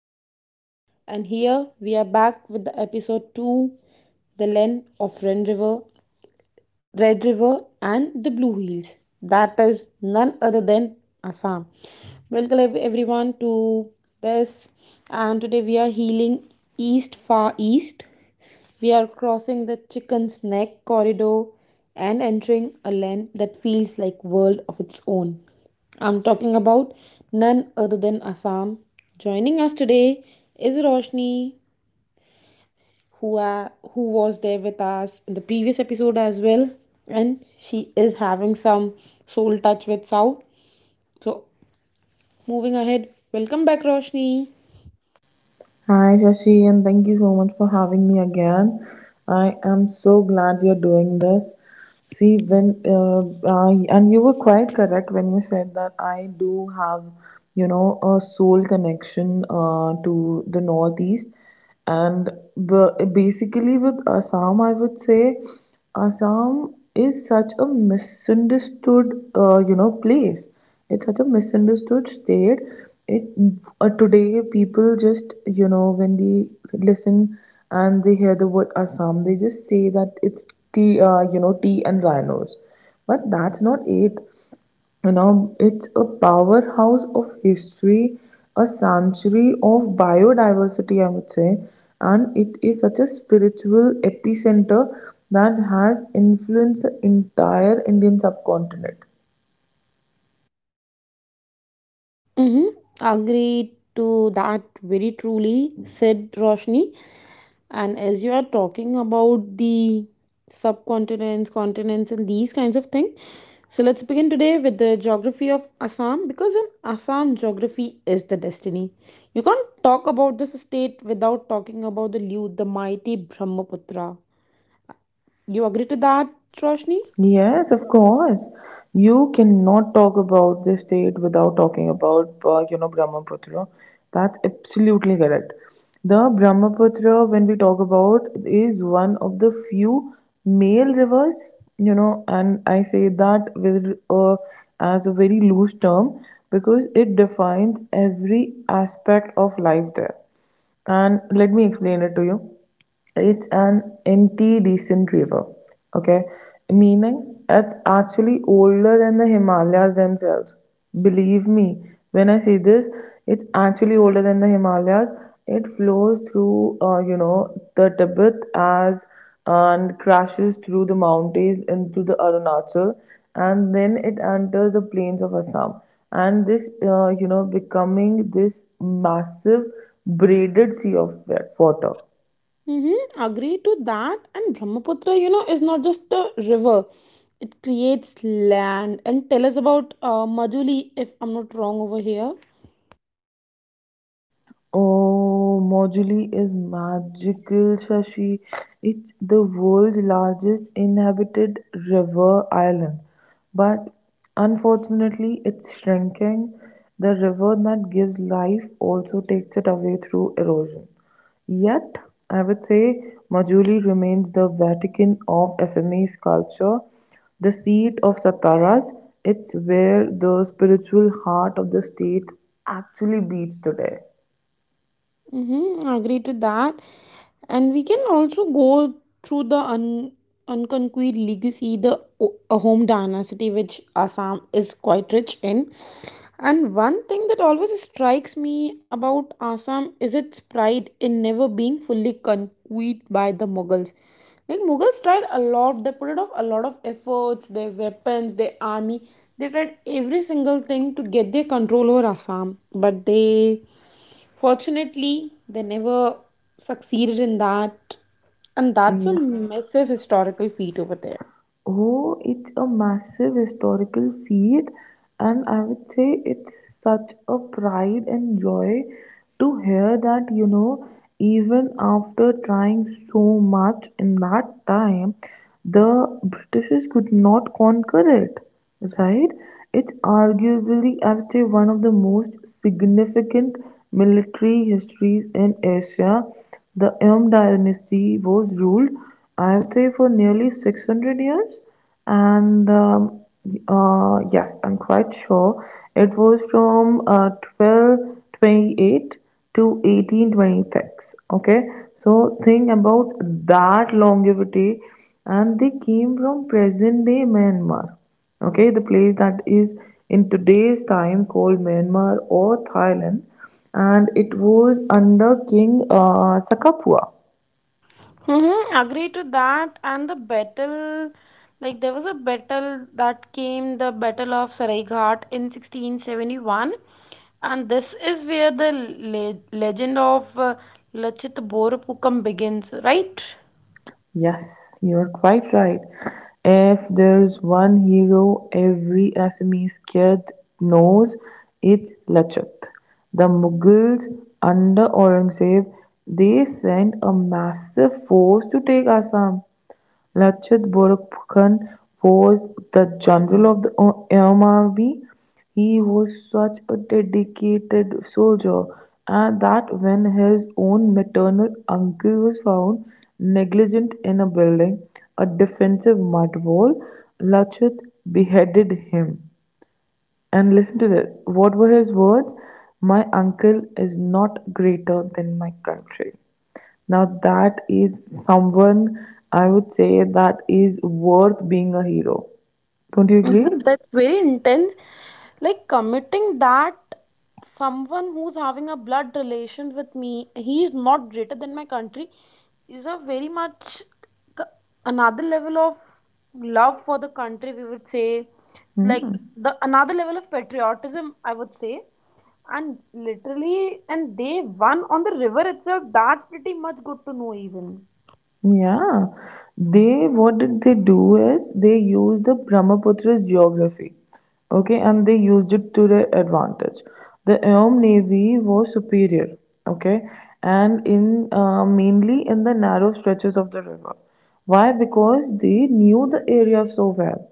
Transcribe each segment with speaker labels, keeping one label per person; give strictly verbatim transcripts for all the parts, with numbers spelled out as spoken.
Speaker 1: of India, and here we are back with the episode two, The Length of Ren River. Red River and the Blue Hills. That is none other than Assam. Welcome ev- everyone to this, and today we are healing east, far east. We are crossing the Chicken's Neck corridor and entering a land that feels like world of its own. I'm talking about none other than Assam. Joining us today is Roshni who are who was there with us in the previous episode as well, and she is having some soul touch with Sao. So moving ahead, welcome back, Roshni.
Speaker 2: Hi, Shashi, and thank you so much for having me again. I am so glad we are doing this. See, when uh, I, and you were quite correct when you said that I do have, you know, a soul connection uh, to the Northeast and b- basically with assam, I would say assam is such a misunderstood uh, you know place. It's such a misunderstood state. It uh, Today people, just you know when they listen and they hear the word assam, they just say that it's tea, uh, you know tea and rhinos, but that's not it. You know, it's a powerhouse of history, a sanctuary of biodiversity, I would say, and it is such a spiritual epicenter that has influenced the entire indian subcontinent.
Speaker 1: Mm-hmm. Agreed to that, very truly said, Roshni. And as you are talking about the subcontinents, continents, and these kinds of things, so let's begin today with the geography of Assam, because in Assam, geography is the destiny. You can't talk about this state without talking about the Liu, the mighty Brahmaputra. You agree to that, Roshni?
Speaker 2: Yes, of course. You cannot talk about this state without talking about, uh, you know, Brahmaputra. That's absolutely correct. The Brahmaputra, when we talk about, is one of the few male rivers, you know, and I say that with uh, as a very loose term, because it defines every aspect of life there. And let me explain it to you. It's an empty decent river, okay? Meaning it's actually older than the Himalayas themselves. Believe me, when I say this, it's actually older than the Himalayas. It flows through, uh, you know, the Tibet as and crashes through the mountains into the Arunachal, and then it enters the plains of Assam. And this, uh, you know, becoming this massive braided sea of wa- water.
Speaker 1: Mm-hmm, agree to that. And Brahmaputra, you know, is not just a river. It creates land. And tell us about uh, Majuli, if I'm not wrong over here.
Speaker 2: Oh, Mojuli is magical, Shashi. It's the world's largest inhabited river island, but unfortunately, it's shrinking. The river that gives life also takes it away through erosion. Yet, I would say Majuli remains the Vatican of Assamese culture, the seat of Sataras. It's where the spiritual heart of the state actually beats today.
Speaker 1: Mm-hmm, agree to that. And we can also go through the un- unconquered legacy, the o- Ahom dynasty, which Assam is quite rich in. And one thing that always strikes me about Assam is its pride in never being fully conquered by the Mughals. Like, Mughals tried a lot, they put off a lot of efforts, their weapons, their army. They tried every single thing to get their control over Assam, but they, fortunately, they never succeeded in that, and that's a
Speaker 2: Yes.
Speaker 1: massive historical feat over there.
Speaker 2: Oh, it's a massive historical feat, and I would say it's such a pride and joy to hear that, you know, even after trying so much in that time, the Britishers could not conquer it, right? It's arguably, I would say, one of the most significant military histories in Asia. The Eom dynasty was ruled, I would say, for nearly six hundred years, and um, uh, yes, I'm quite sure it was from uh, twelve twenty-eight to eighteen twenty-six. Okay, so think about that longevity, and they came from present day Myanmar. Okay, the place that is in today's time called Myanmar or Thailand, and it was under King uh, Sakapua.
Speaker 1: Mm-hmm, agree to that. And the battle, like there was a battle that came, the Battle of Saraighat in sixteen seventy-one. And this is where the le legend of uh, Lachit Borpukam begins, right?
Speaker 2: Yes, you're quite right. If there's one hero every Assamese kid knows, it's Lachit. The Mughals under Aurangzeb, they sent a massive force to take Assam. Lachit Borphukan was the general of the army. He was such a dedicated soldier, and that when his own maternal uncle was found negligent in a building a defensive mud wall, Lachit beheaded him. And listen to this. What were his words? My uncle is not greater than my country. Now that is someone, I would say, that is worth being a hero. Don't you
Speaker 1: Mhm,
Speaker 2: agree?
Speaker 1: that's very intense. Like, committing that someone who's having a blood relation with me, he is not greater than my country, is a very much, c- another level of love for the country, we would say. Like,
Speaker 2: Hmm.
Speaker 1: the another level of patriotism, I would say. And literally, and they won on the river itself, that's pretty much good to know, even.
Speaker 2: Yeah, they, what did they do is they used the Brahmaputra's geography, okay, and they used it to their advantage. The Eom navy was superior, okay, and in uh, mainly in the narrow stretches of the river. Why? Because they knew the area so well,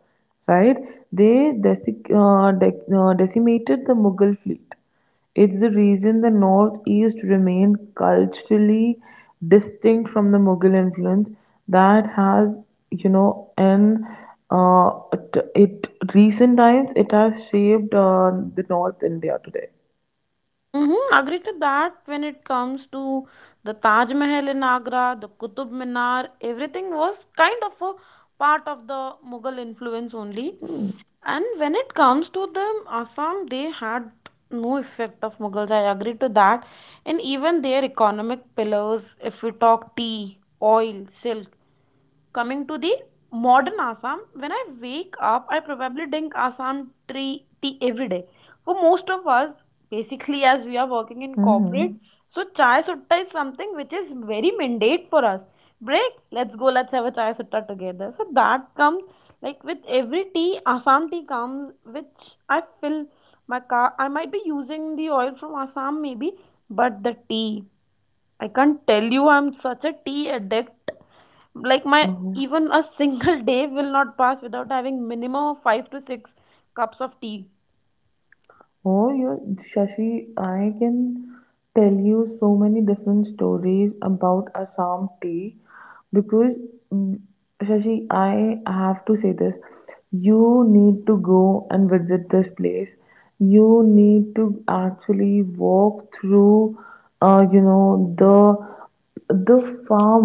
Speaker 2: right? They desic- uh, dec- uh, decimated the Mughal fleet. It is the reason the Northeast remained culturally distinct from the Mughal influence that has, you know, in uh, t- it recent times, it has shaped uh, the North India today.
Speaker 1: Mm-hmm, agree to that. When it comes to the Taj Mahal in Agra, the Qutub Minar, everything was kind of a part of the Mughal influence only. And when it comes to the Assam, they had no effect of Mughals. I agree to that. And even their economic pillars, if we talk tea, oil, silk, coming to the modern Assam, when I wake up, I probably drink Assam tea, tea every day. For most of us, basically, as we are working in corporate,
Speaker 2: Mm-hmm.
Speaker 1: so chai sutta is something which is very mandate for us. Break, let's go, let's have a chai sutta together. So that comes, like, with every tea, Assam tea comes. Which I fill my car, I might be using the oil from Assam, maybe, but the tea, I can't tell you, I'm such a tea addict. Like, my even a single day will not pass without having minimum of five to six cups of tea.
Speaker 2: Oh, you, Shashi, I can tell you so many different stories about Assam tea because, mm, Shashi, I have to say this. You need to go and visit this place. You need to actually walk through, uh, you know, the the farm,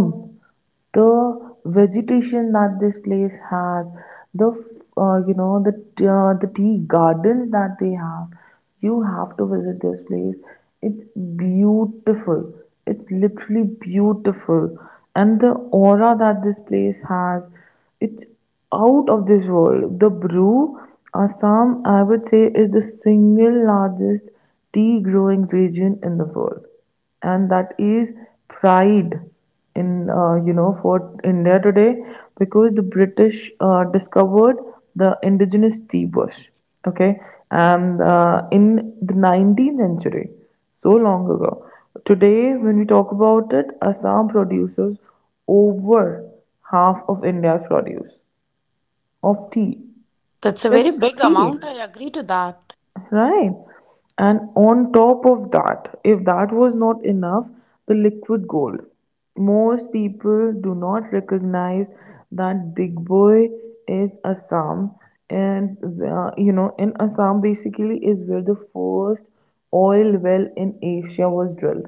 Speaker 2: the vegetation that this place has, the uh, you know the uh, the tea gardens that they have. You have to visit this place. It's beautiful. It's literally beautiful, and the aura that this place has, it's out of this world. The brew, Assam, I would say, is the single largest tea growing region in the world, and that is pride in uh, you know for India today, because the British uh, discovered the indigenous tea bush, okay, and uh, in the nineteenth century, so long ago. Today, when we talk about it, Assam produces over half of India's produce of tea,
Speaker 1: That's a
Speaker 2: just
Speaker 1: very big
Speaker 2: tea,
Speaker 1: amount, I agree to that.
Speaker 2: right? And on top of that, if that was not enough, the liquid gold. Most people do not recognize that Big Boy is Assam, and uh, you know, in Assam basically is where the first oil well in Asia was drilled.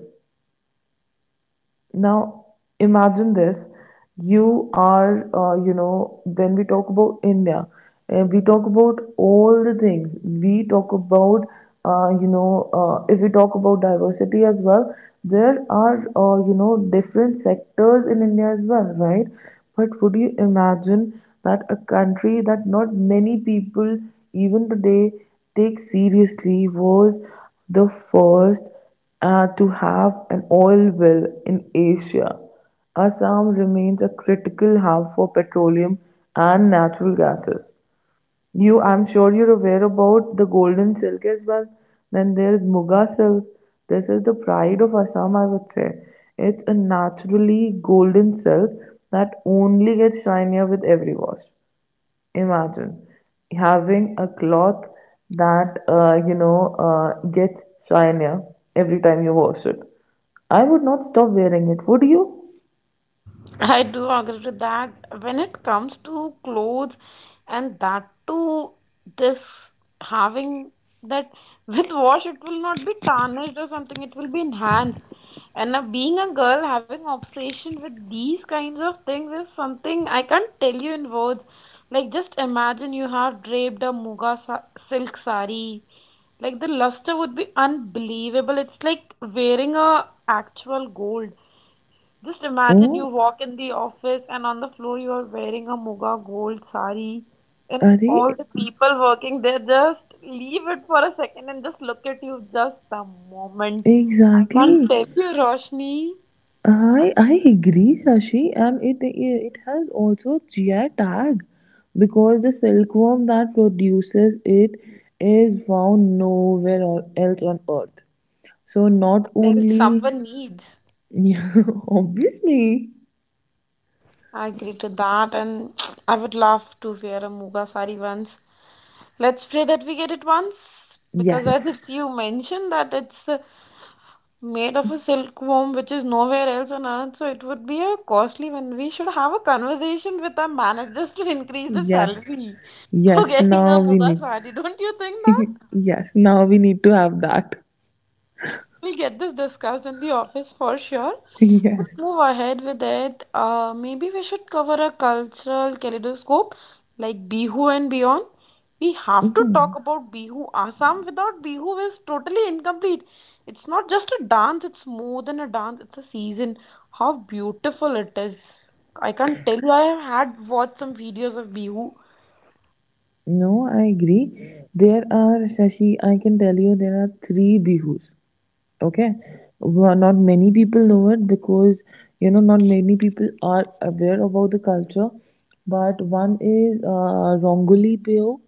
Speaker 2: Now, imagine this. You are, uh, you know, when we talk about India, uh, we talk about all the things. We talk about, uh, you know, uh, if we talk about diversity as well, there are, uh, you know, different sectors in India as well, right? But would you imagine that a country that not many people even today take seriously was the first uh, to have an oil well in Asia. Assam remains a critical hub for petroleum and natural gases. You, I'm sure you're aware about the golden silk as well. Then there's Muga silk. This is the pride of Assam, I would say. It's a naturally golden silk that only gets shinier with every wash. Imagine having a cloth that uh, you know uh, gets shinier every time you wash it. I would not stop wearing it, would you?
Speaker 1: I do agree to that. When it comes to clothes, and that too, this having that with wash, it will not be tarnished or something, it will be enhanced. And now, being a girl, having obsession with these kinds of things is something I can't tell you in words. Like, just imagine you have draped a muga sa- silk sari. Like, the luster would be unbelievable. It's like wearing a actual gold. Just imagine, you
Speaker 2: Oh,
Speaker 1: walk in the office and on the floor you are wearing a muga gold sari, and
Speaker 2: are
Speaker 1: all the people working there just leave it for a second and just look at you just the moment. I can't
Speaker 2: exactly.
Speaker 1: tell you, Roshni. I
Speaker 2: I I agree, Sashi, and it it has also G I tag, because the silkworm that produces it is found nowhere or- else on Earth. So not
Speaker 1: tell
Speaker 2: only,
Speaker 1: someone needs.
Speaker 2: yeah, obviously,
Speaker 1: I agree to that, and I would love to wear a muga sari once. Let's pray that we get it once, because
Speaker 2: yes.
Speaker 1: as it's you mentioned that it's uh, made of a silkworm which is nowhere else on earth, so it would be a costly one. We should have a conversation with our managers to increase the
Speaker 2: Yes,
Speaker 1: salary for,
Speaker 2: yes,
Speaker 1: yes, getting a
Speaker 2: now we
Speaker 1: muga
Speaker 2: need.
Speaker 1: sari, don't you think that?
Speaker 2: yes, now we need to have that.
Speaker 1: We'll get this discussed in the office for sure.
Speaker 2: yes.
Speaker 1: Let's move ahead with it. Uh, maybe we should cover a cultural kaleidoscope, like Bihu and beyond. We have to talk
Speaker 2: Mhm.
Speaker 1: about Bihu. Assam without Bihu is totally incomplete. It's not just a dance, it's more than a dance, it's a season. How beautiful it is. I can't tell you, I have had watched some videos of Bihu.
Speaker 2: No, I agree. There are, Shashi, I can tell you there are three bihus. Okay, well, not many people know it, because you know not many people are aware about the culture. But one is uh, rongoli Payo,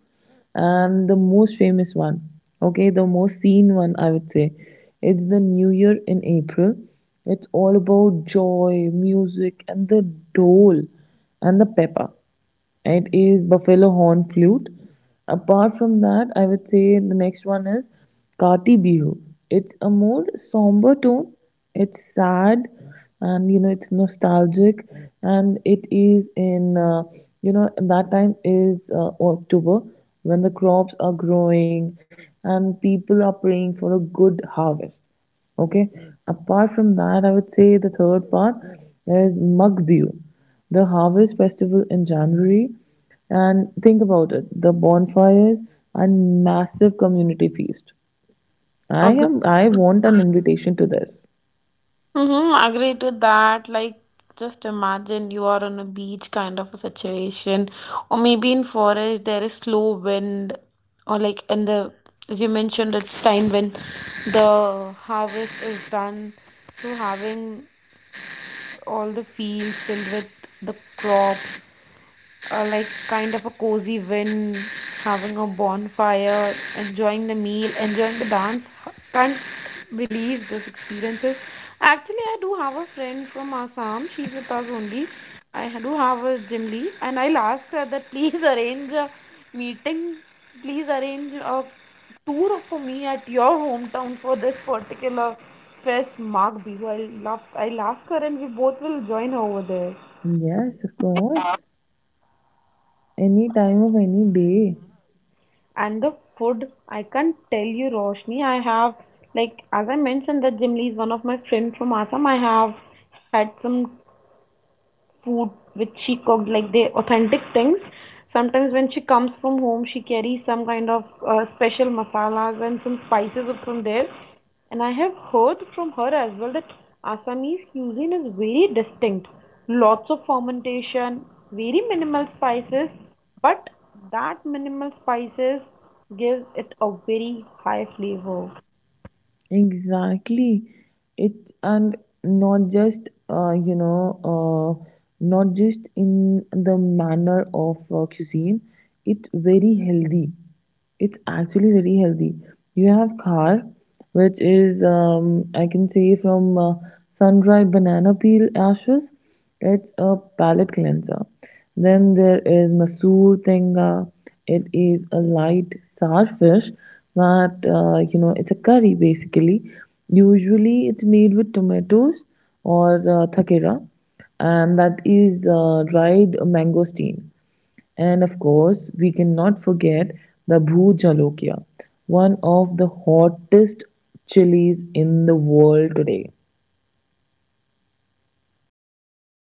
Speaker 2: and the most famous one, okay, the most seen one, I would say, it's the new year in april. It's all about joy, music, and the dole and the pepper. It is buffalo horn flute. Apart from that, I would say the next one is Kati Bihu. It's a more somber tone. It's sad, and you know it's nostalgic, and it is in uh, you know that time is uh, October, when the crops are growing and people are praying for a good harvest. Okay. Apart from that, I would say the third part is Mugbiu, the harvest festival in January. And think about it, the bonfires and massive community feast. I
Speaker 1: Agree.
Speaker 2: am I want an invitation to this.
Speaker 1: Mm-hmm, agree to that. Like, just imagine you are on a beach kind of a situation, or maybe in forest there is slow wind, or like in the, as you mentioned, it's time when the harvest is done. So having all the fields filled with the crops, uh, like, kind of a cozy win, having a bonfire, enjoying the meal, enjoying the dance. Can't believe this experiences. Actually, I do have a friend from Assam. She's with us only. I do have a gym lead, and I'll ask her that, please, arrange a meeting. Please arrange a tour for me at your hometown for this particular fest, Mark Bihu. I love. I'll ask her, and we both will join her over there.
Speaker 2: Yes, of course. Any time of any day.
Speaker 1: And the food, I can't tell you, Roshni, I have, like, as I mentioned that Jimli is one of my friend from Assam, I have had some food which she cooked, like, the authentic things. Sometimes when she comes from home, she carries some kind of uh, special masalas and some spices from there. And I have heard from her as well that Assamese cuisine is very distinct. Lots of fermentation, very minimal spices, but that minimal spices gives it a very high flavor.
Speaker 2: Exactly. It and not just uh, you know uh, not just in the manner of uh, cuisine. It's very healthy. It's actually very healthy. You have khar, which is um, I can say from uh, sun-dried banana peel ashes, it's a palate cleanser. Then there is Masoor Tenga. It is a light sour fish that, uh, you know, it's a curry basically. Usually it's made with tomatoes or uh, thakera, and that is uh, dried mangosteen. And of course, we cannot forget the Bhu Jalokia, one of the hottest chilies in the world today.